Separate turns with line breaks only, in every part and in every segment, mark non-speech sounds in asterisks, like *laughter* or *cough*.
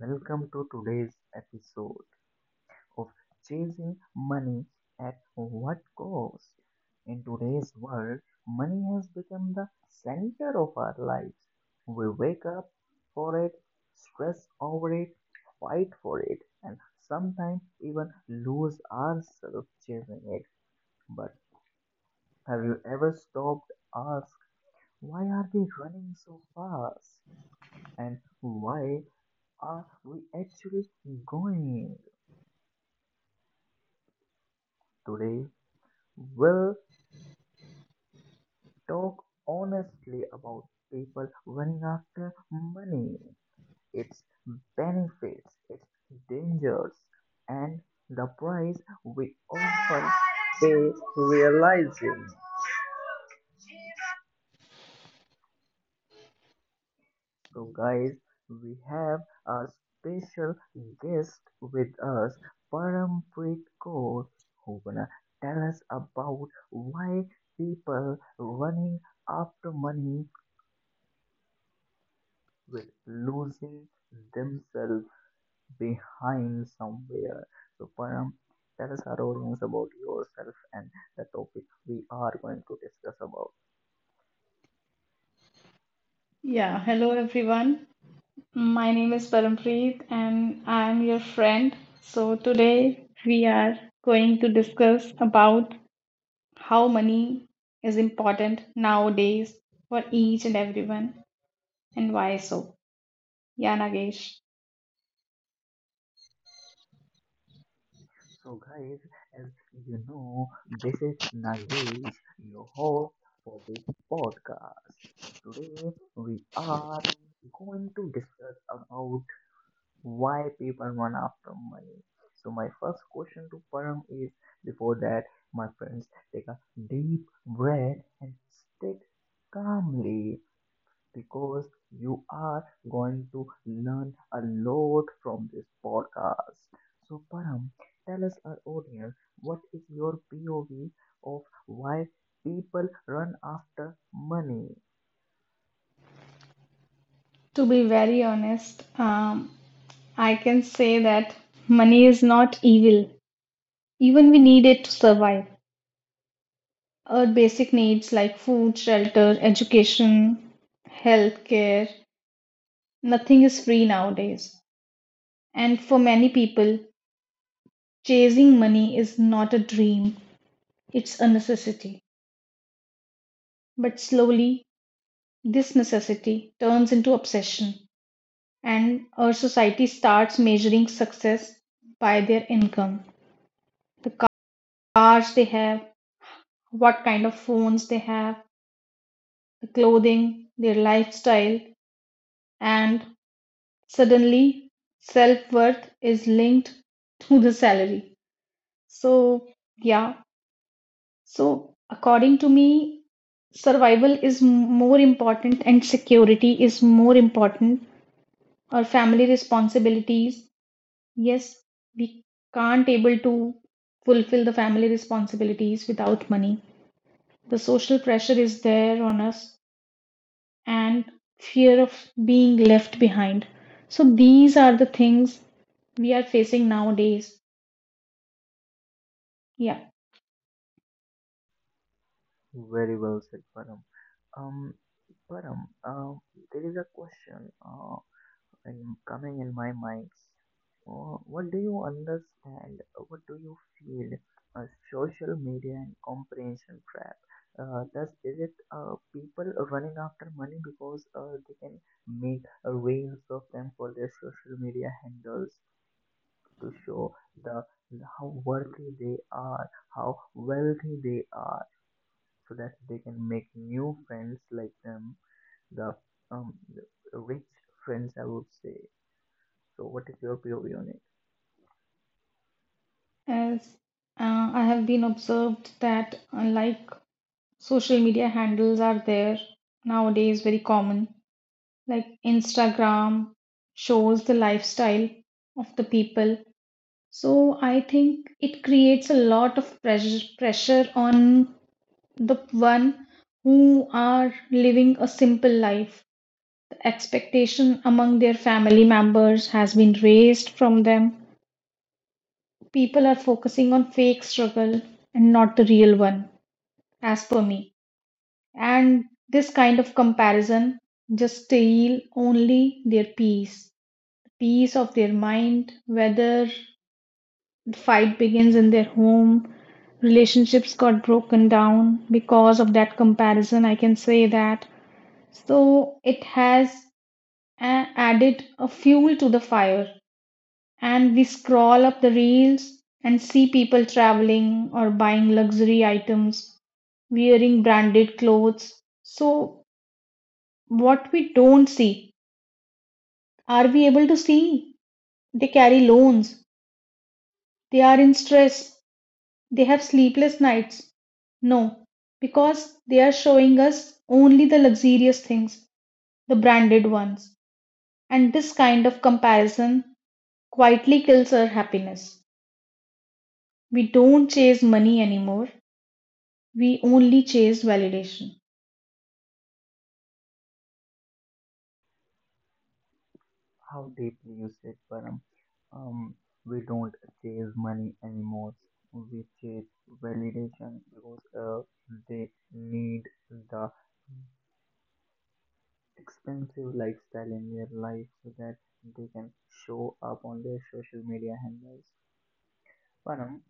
welcome to today's episode of Chasing Money at What Cost. In today's world, money has become the center of our lives. We wake up for it, stress over it, fight for it, and sometimes even lose ourselves chasing it. But have you ever stopped to ask why are we running so fast? And why are we actually going? Today, we'll talk honestly about people running after money, its benefits, its dangers, and the price we often pay realizing. So, guys, we have a special guest with us, Parampreet Kaur, who gonna tell us about why people running after money will losing themselves behind somewhere. So, Param, tell us our audience about yourself and the topic we are going to discuss about.
Yeah, hello everyone. My name is Parampreet and I am your friend. So today we are going to discuss about how money is important nowadays for each and everyone and why so. Yeah, Nagesh,
So, guys, as you know, this is Nagesh, your host for this podcast. Today, we are going to discuss about why people run after money. So, my first question to Param is before that, my friends, take a deep breath and sit calmly because you are going to learn a lot from this podcast. So, Param, tell us our audience what is your POV of why people run after money?
to be very honest, I can say that money is not evil. Even we need it to survive. Our basic needs like food, shelter, education, healthcare, nothing is free nowadays. And for many people, chasing money is not a dream, it's a necessity. But slowly, this necessity turns into obsession, and our society starts measuring success by their income, the cars they have, what kind of phones they have, the clothing, their lifestyle, and suddenly self worth is linked to the salary. So, yeah, So, according to me, survival is more important and security is more important. Our family responsibilities, yes, we can't able to fulfill the family responsibilities without money. The social pressure is there on us and fear of being left behind. So these are the things we are facing nowadays. Yeah,
Very well said, Param. Um, Param, there is a question. I coming in my mind. What do you understand? What do you feel? A social media and comprehension trap. Does is it people running after money because they can make reels of them for their social media handles to show the how worthy they are, how wealthy they are, so that they can make new friends like them, the um, rich friends I would say so, what is your POV on it?
as I have been observed that unlike social media handles are there nowadays very common, like Instagram shows the lifestyle of the people, so I think it creates a lot of pressure on the one who are living a simple life. The expectation among their family members has been raised from them. People are focusing on fake struggle and not the real one, as per me. And this kind of comparison just steal only their peace, peace of their mind, whether the fight begins in their home, relationships got broken down because of that comparison, I can say that. So it has added a fuel to the fire. And we scroll up the reels and see people traveling or buying luxury items, wearing branded clothes. So what we don't see. Are we able to see? They carry loans. They are in stress. They have sleepless nights. No, because they are showing us only the luxurious things, the branded ones. And this kind of comparison quietly kills our happiness. We don't chase money anymore. We only chase validation.
How deeply you said, Param. Um, we don't chase money anymore. We chase validation because they need the expensive lifestyle in their life so that they can show up on their social media handles. Param,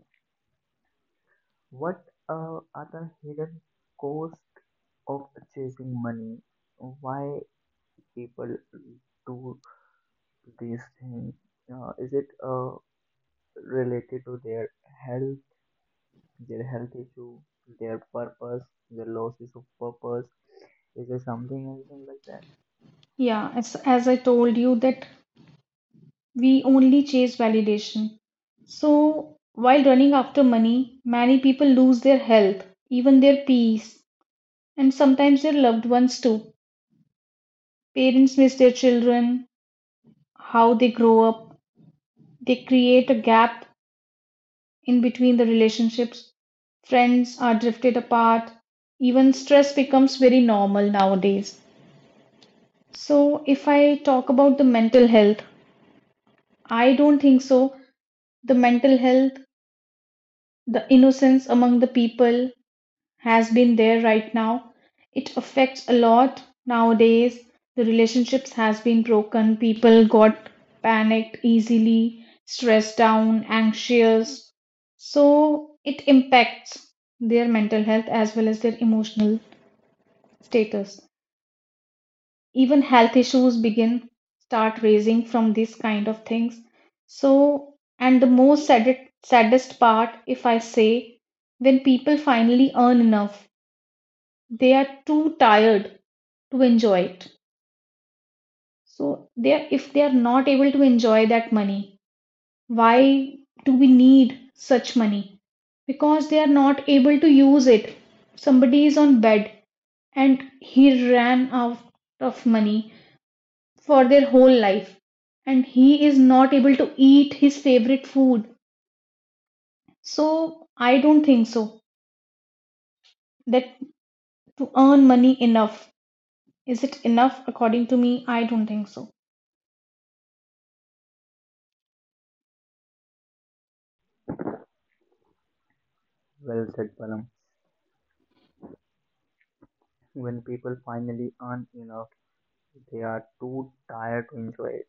what are the hidden costs of chasing money? Why people do these things? Is it related to health, their health issue, their purpose, their losses of purpose. Is there something anything like that?
Yeah, as I told you, that we only chase validation. So, while running after money, many people lose their health, even their peace, and sometimes their loved ones too. Parents miss their children, how they grow up, they create a gap in between the relationships. Friends are drifted apart, even stress becomes very normal nowadays. So, if I talk about the mental health, I don't think so. The mental health, the innocence among the people, has been there. Right now it affects a lot nowadays. The relationships has been broken, people got panicked easily, stressed down, anxious, so it impacts their mental health as well as their emotional status. Even health issues begin start raising from these kind of things. So and the most saddest part if I say, when people finally earn enough, they are too tired to enjoy it. So they are, if they are not able to enjoy that money, why do we need such money? Because they are not able to use it. Somebody is on bed and he ran out of money for their whole life and he is not able to eat his favorite food. So I don't think so. That to earn money enough. Is it enough according to me? I don't think so.
Well said, Param. When people finally earn enough, they are too tired to enjoy it.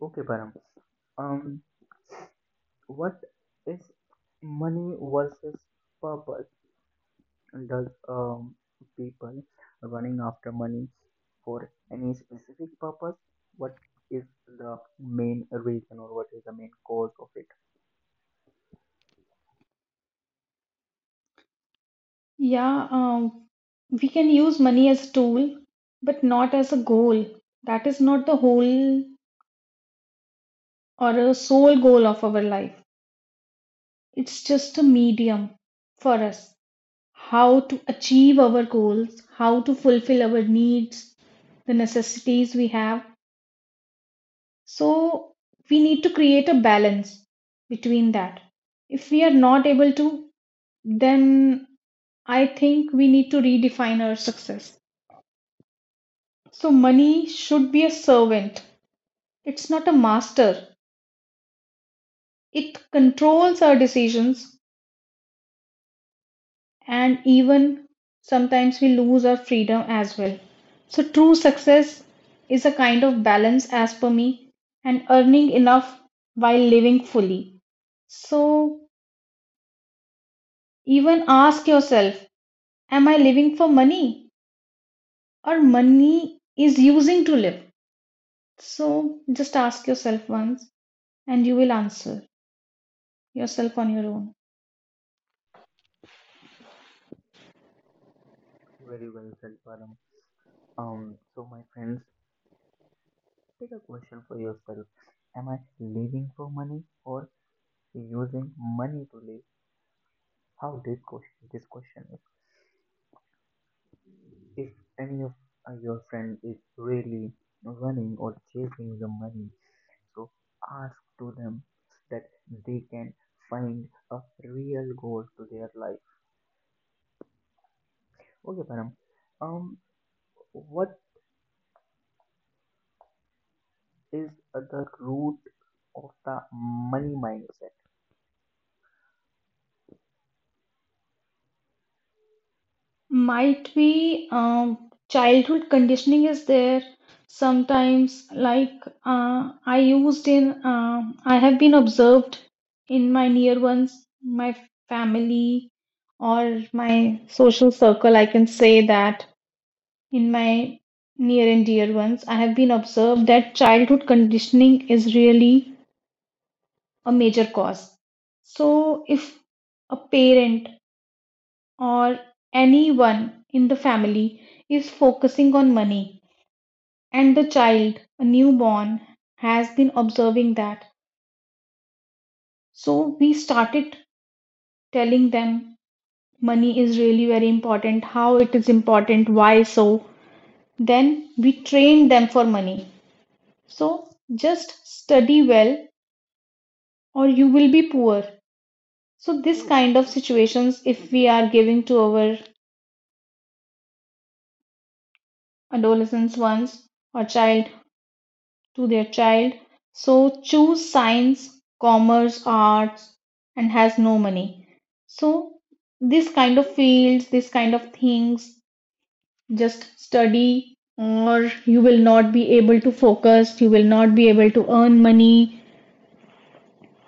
Okay, Param. Um, what is money versus purpose? Does people running after money for any specific purpose? What is the main reason or what is the main cause of it?
Yeah, we can use money as a tool, but not as a goal. That is not the whole or a sole goal of our life. It's just a medium for us. How to achieve our goals, how to fulfill our needs, the necessities we have. So we need to create a balance between that. If we are not able to, then I think we need to redefine our success. So, money should be a servant, it's not a master. It controls our decisions, and even sometimes we lose our freedom as well. So, true success is a kind of balance, as per me, and earning enough while living fully. So, even ask yourself, am I living for money or money is using to live? So, just ask yourself once and you will answer yourself on your own.
Very well said, Param. So my friends, take a question for yourself. Am I living for money or using money to live? How this question is. If any of your friend is really running or chasing the money, so ask to them so that they can find a real goal to their life. Okay, Param. Um, what is the root of the money mindset?
Might be childhood conditioning is there sometimes, like I used in, I have been observed in my near ones, my family, or my social circle. I can say that in my near and dear ones, I have been observed that childhood conditioning is really a major cause. So, if a parent or anyone in the family is focusing on money and the child, a newborn, has been observing that, so we started telling them money is really very important, how it is important, why so, then we trained them for money. So just study well or you will be poor. So this kind of situations, if we are giving to our adolescents once or child to their child, so choose science, commerce, arts, and has no money. So, this kind of fields, this kind of things, just study, or you will not be able to focus, you will not be able to earn money.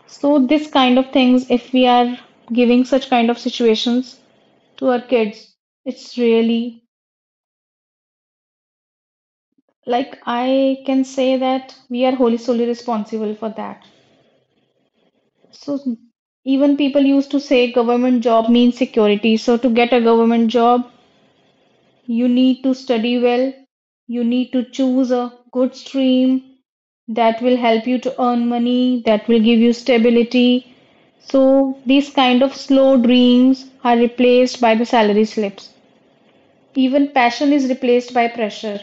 So, this kind of things, if we are giving such kind of situations to our kids, it's really like I can say that we are wholly solely responsible for that. So even people used to say government job means security. So to get a government job, you need to study well, you need to choose a good stream that will help you to earn money, that will give you stability. So these kind of slow dreams are replaced by the salary slips. Even passion is replaced by pressure.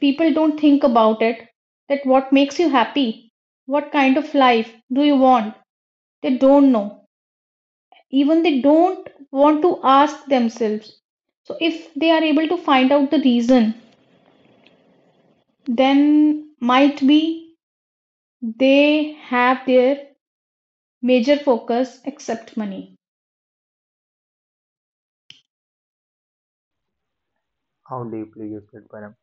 People don't think about it that what makes you happy, what kind of life do you want? They don't know. Even they don't want to ask themselves. So if they are able to find out the reason, then might be they have their major focus except money.
How deeply you said, Param.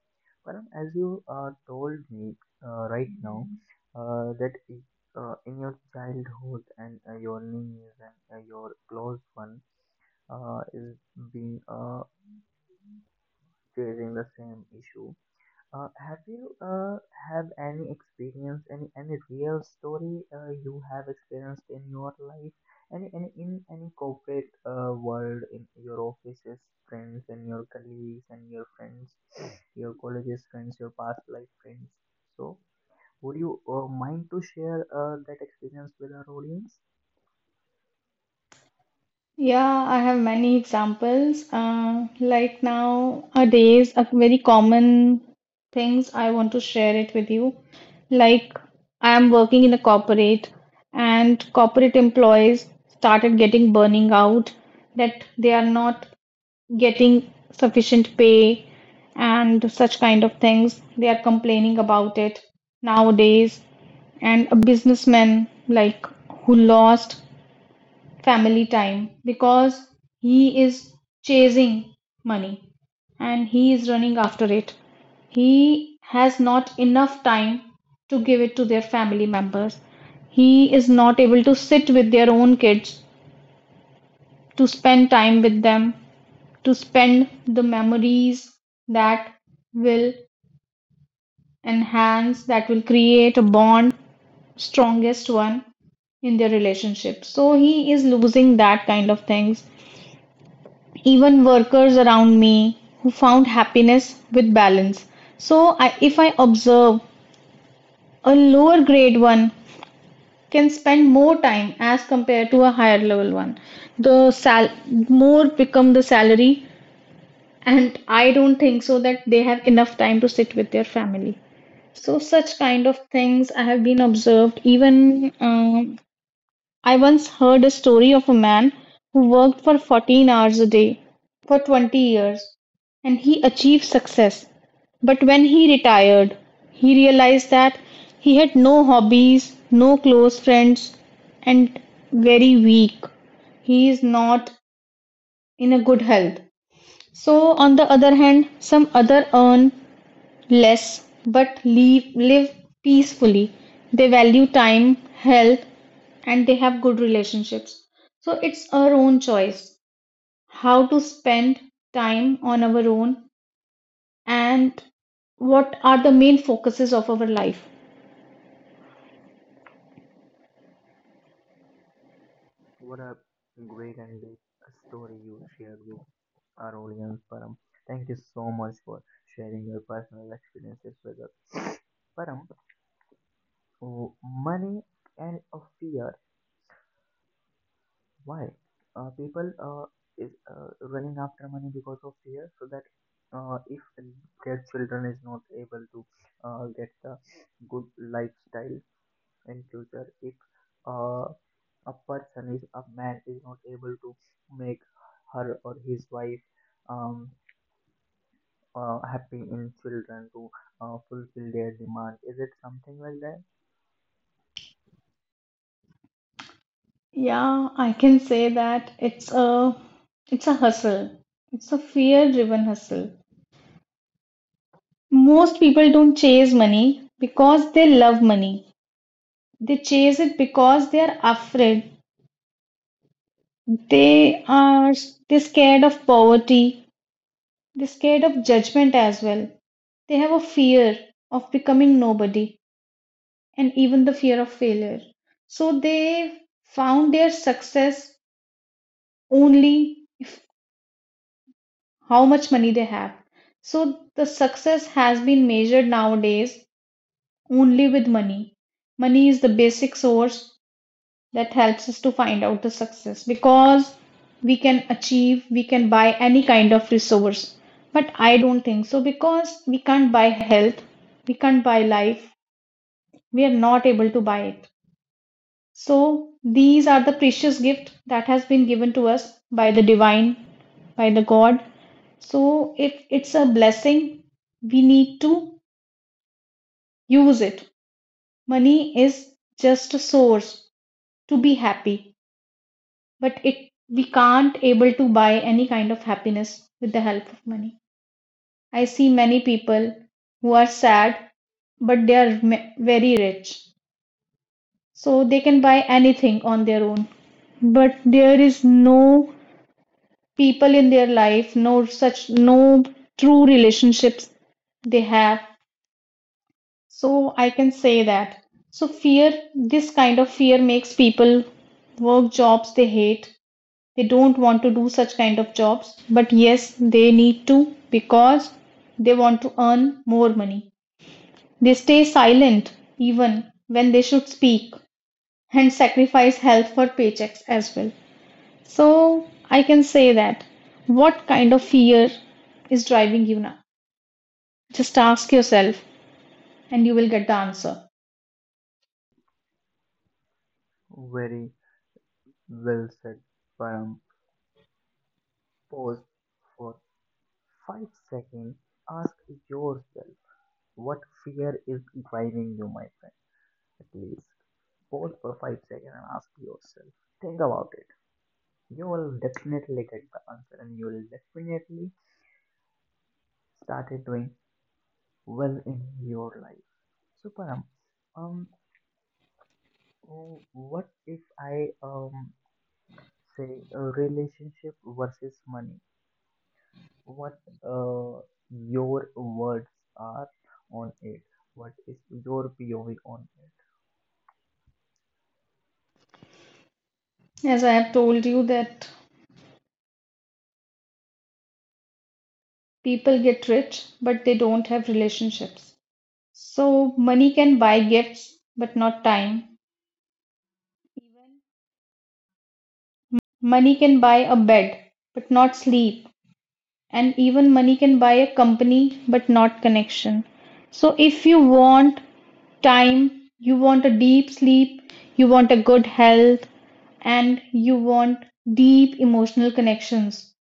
Param, as you told me right now that in your childhood and your knees and your close one is being facing the same issue. Have you have any experience, any real story you have experienced in your life, any in any corporate world, in your offices, friends, and your colleagues, and your friends, *sniffs* your colleges friends, your past life friends? So, would you mind to share that experience with our audience?
Yeah, I have many examples, like nowadays a very common things I want to share it with you. Like I am working in a corporate and corporate employees started getting burning out, that they are not getting sufficient pay and such kind of things. They are complaining about it nowadays. And a businessman like who lost family time because he is chasing money and he is running after it. He has not enough time to give it to their family members. He is not able to sit with their own kids, to spend time with them, to spend the memories that will enhance, that will create a bond, strongest one in their relationship. So he is losing that kind of things. Even workers around me who found happiness with balance. So I, if I observe, a lower grade one can spend more time as compared to a higher level one. The sal more become the salary, and I don't think so that they have enough time to sit with their family. So such kind of things I have been observed. Even I once heard a story of a man who worked for 14 hours a day for 20 years and he achieved success, but when he retired he realized that he had no hobbies, no close friends, and very weak, he is not in a good health. So, on the other hand, some other earn less but leave, live peacefully. They value time, health, and they have good relationships. So, it's our own choice how to spend time on our own and what are the main focuses of our life.
What a great and big story you shared with our audience, Param. Thank you so much for sharing your personal experiences with us. Param, oh, money and a fear. Why? People is running after money because of fear, so that if their children is not able to get the good lifestyle in future, if uh, a person is a man is not able to make her or his wife um, happy in children to fulfill their demand, is it something like that?
Yeah, I can say that it's a hustle. It's a fear-driven hustle. Most people don't chase money because they love money. They chase it because they are afraid. They are they're scared of poverty. They're scared of judgment as well. They have a fear of becoming nobody and even the fear of failure. So they found their success only if how much money they have. So the success has been measured nowadays only with money. Money is the basic source that helps us to find out the success because we can achieve, we can buy any kind of resource. But I don't think so, because we can't buy health, we can't buy life, we are not able to buy it. So these are the precious gift that has been given to us by the divine, by the god. So if it's a blessing, we need to use it. Money is just a source to be happy, but it, we can't able to buy any kind of happiness with the help of money. I see many people who are sad but they are very rich, so they can buy anything on their own, but there is no people in their life, no such, no true relationships they have. So I can say that, so fear, this kind of fear makes people work jobs they hate. They don't want to do such kind of jobs, but yes, they need to, because they want to earn more money. They stay silent even when they should speak, and sacrifice health for paychecks as well. So I can say that what kind of fear is driving you now, just ask yourself and you will get the answer.
Very well said, Param. Pause for 5 seconds. Ask yourself what fear is driving you, my friend. At least pause for 5 seconds and ask yourself. Think about it. You will definitely get the answer and you will definitely start doing well in your life. So, Param, um, what if I say a relationship versus money? What uh, your words are on it. What is your POV on it?
As I have told you that people get rich but they don't have relationships, so money can buy gifts but not time. Money can buy a bed, but not sleep. And even money can buy a company, but not connection. So, if you want time, you want a deep sleep, you want a good health, and you want deep emotional connections,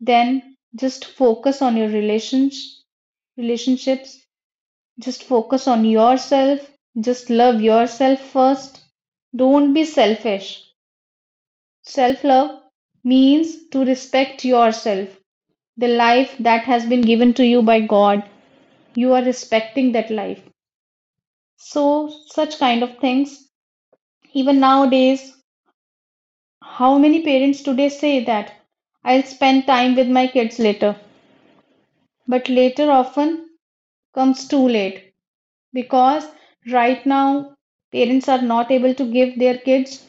then just focus on your relations, relationships, just focus on yourself, just love yourself first. Don't be selfish. Self-love means to respect yourself. The life that has been given to you by God, you are respecting that life. So, such kind of things. Even nowadays, how many parents today say that I'll spend time with my kids later? But later often comes too late, because right now parents are not able to give their kids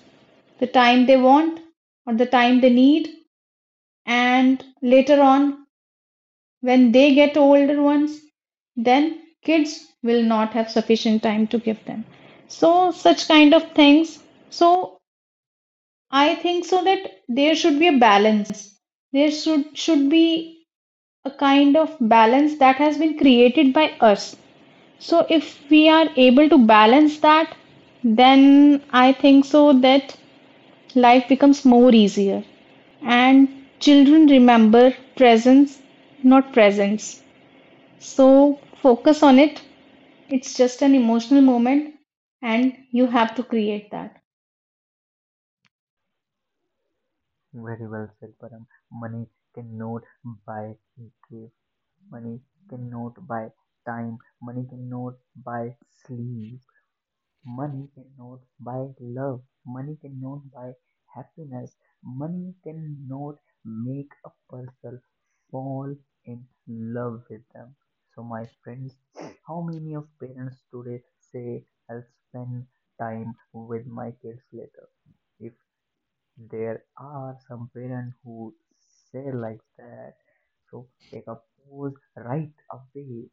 the time they want or the time they need, and later on when they get older ones, then kids will not have sufficient time to give them. So, such kind of things. So, I think so that there should be a balance. There should be a kind of balance that has been created by us. So, if we are able to balance that, then I think so that life becomes more easier, and children remember presence, not presence. So focus on it. It's just an emotional moment and you have to create that.
Very well said, Param. Money cannot buy grief. Money cannot buy time. Money cannot buy sleep. Money cannot buy love. Money cannot buy happiness. Money cannot make a person fall in love with them. So, my friends, how many of parents today say, I'll spend time with my kids later? If there are some parents who say like that, so take a pause right away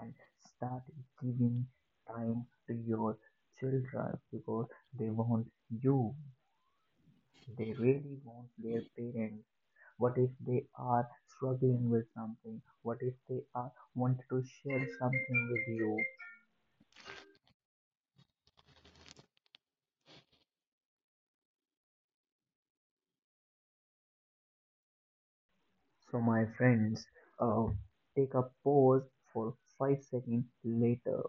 and start giving time to your children because they want you. They really want their parents. What if they are struggling with something? What if they are want to share something with you? So my friends, uh, take a pause for 5 seconds later.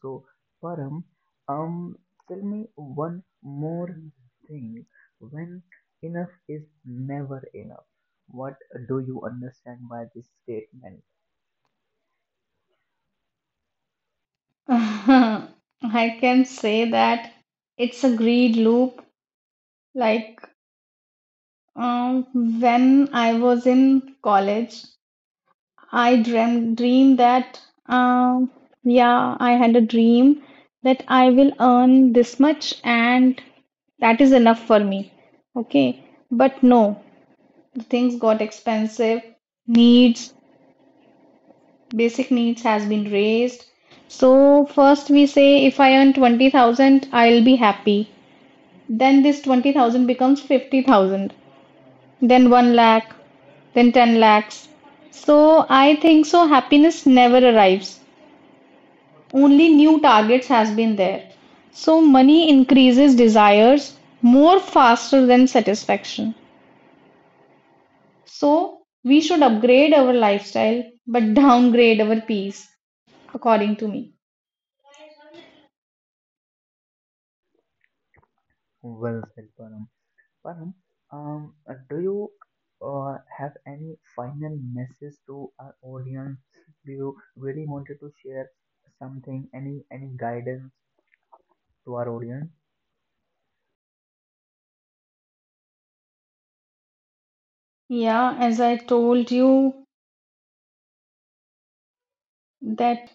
So, Param, um, tell me one more thing. When enough is never enough, what do you understand by this statement?
*laughs* I can say that it's a greed loop. Like um, when I was in college, I dream that um, yeah, I had a dream that I will earn this much and that is enough for me. Okay, but no, the things got expensive, needs, basic needs has been raised. So first we say, if I earn 20,000, I'll be happy. Then this 20,000 becomes 50,000, then 1 lakh, then 10 lakhs. So I think so happiness never arrives, only new targets has been there. So money increases desires more faster than satisfaction. So we should upgrade our lifestyle but downgrade our peace, according to me.
Well said, Param. Param, um, do you have any final message to our audience? Do you really wanted to share something, any guidance to our audience?
Yeah, as I told you that,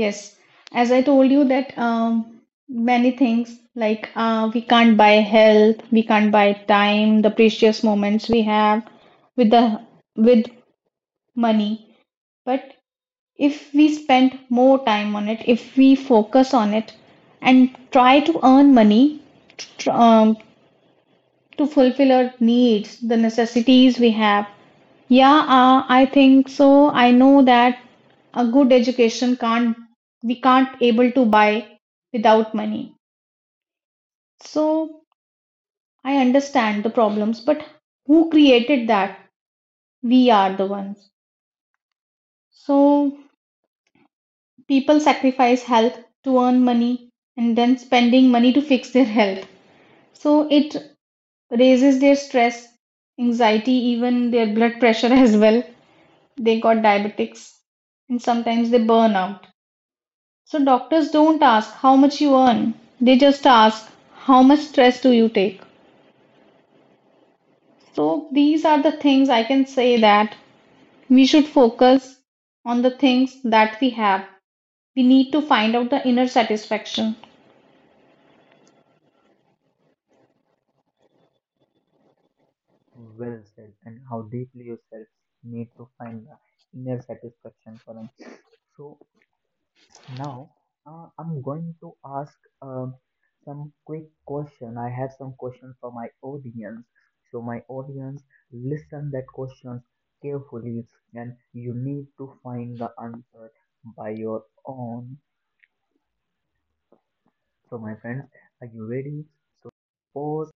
yes, as I told you that many things like we can't buy health, we can't buy time, the precious moments we have with the with money. But if we spend more time on it, if we focus on it and try to earn money tr- um, to fulfill our needs, the necessities we have, yeah, I think so. I know that a good education can't, we can't able to buy without money. So I understand the problems, but who created that? We are the ones. So people sacrifice health to earn money and then spending money to fix their health. So it raises their stress, anxiety, even their blood pressure *laughs* as well. They got diabetics and sometimes they burn out. So doctors don't ask how much you earn, they just ask how much stress do you take. So these are the things. I can say that we should focus on the things that we have. We need to find out the inner satisfaction.
Well said, and how deeply yourself need to find the inner satisfaction, Param. So now I'm going to ask um some quick question. I have some questions for my audience. So my audience, listen that questions carefully, and you need to find the answer by your own. So my friends, are you ready? So pause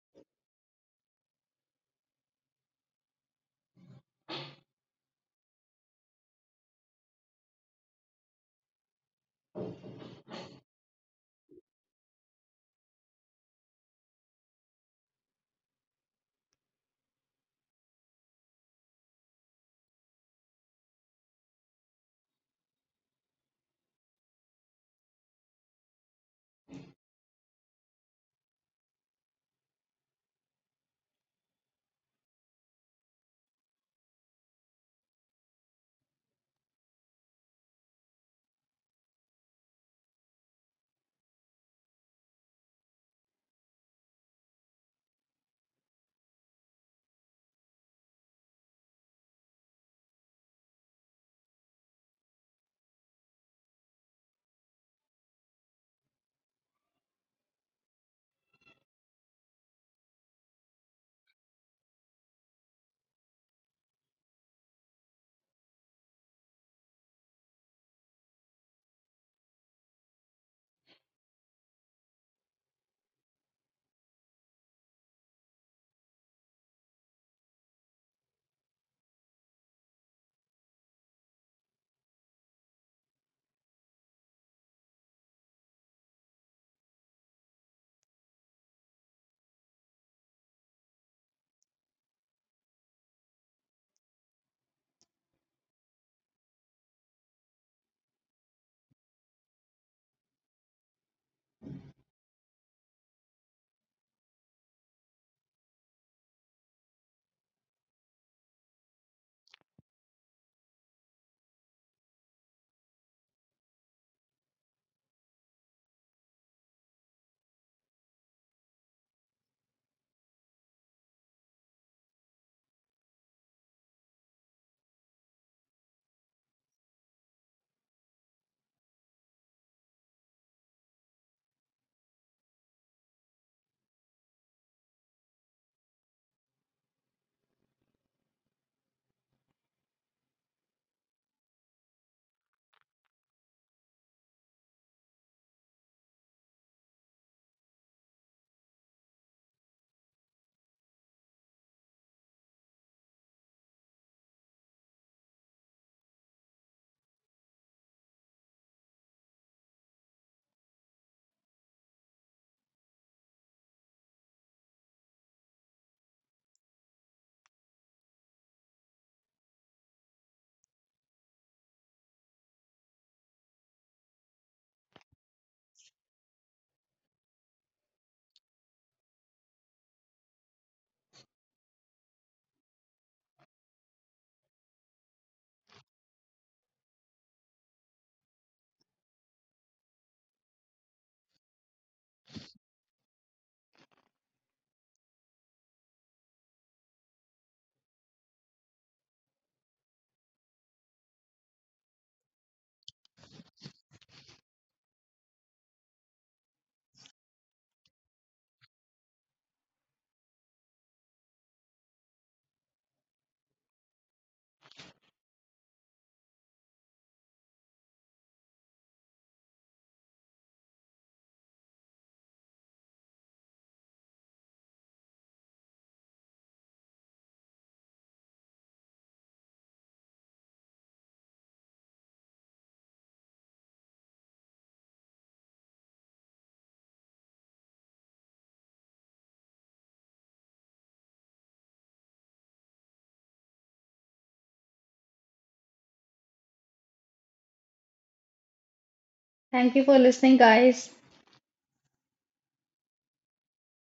Thank you for listening, guys.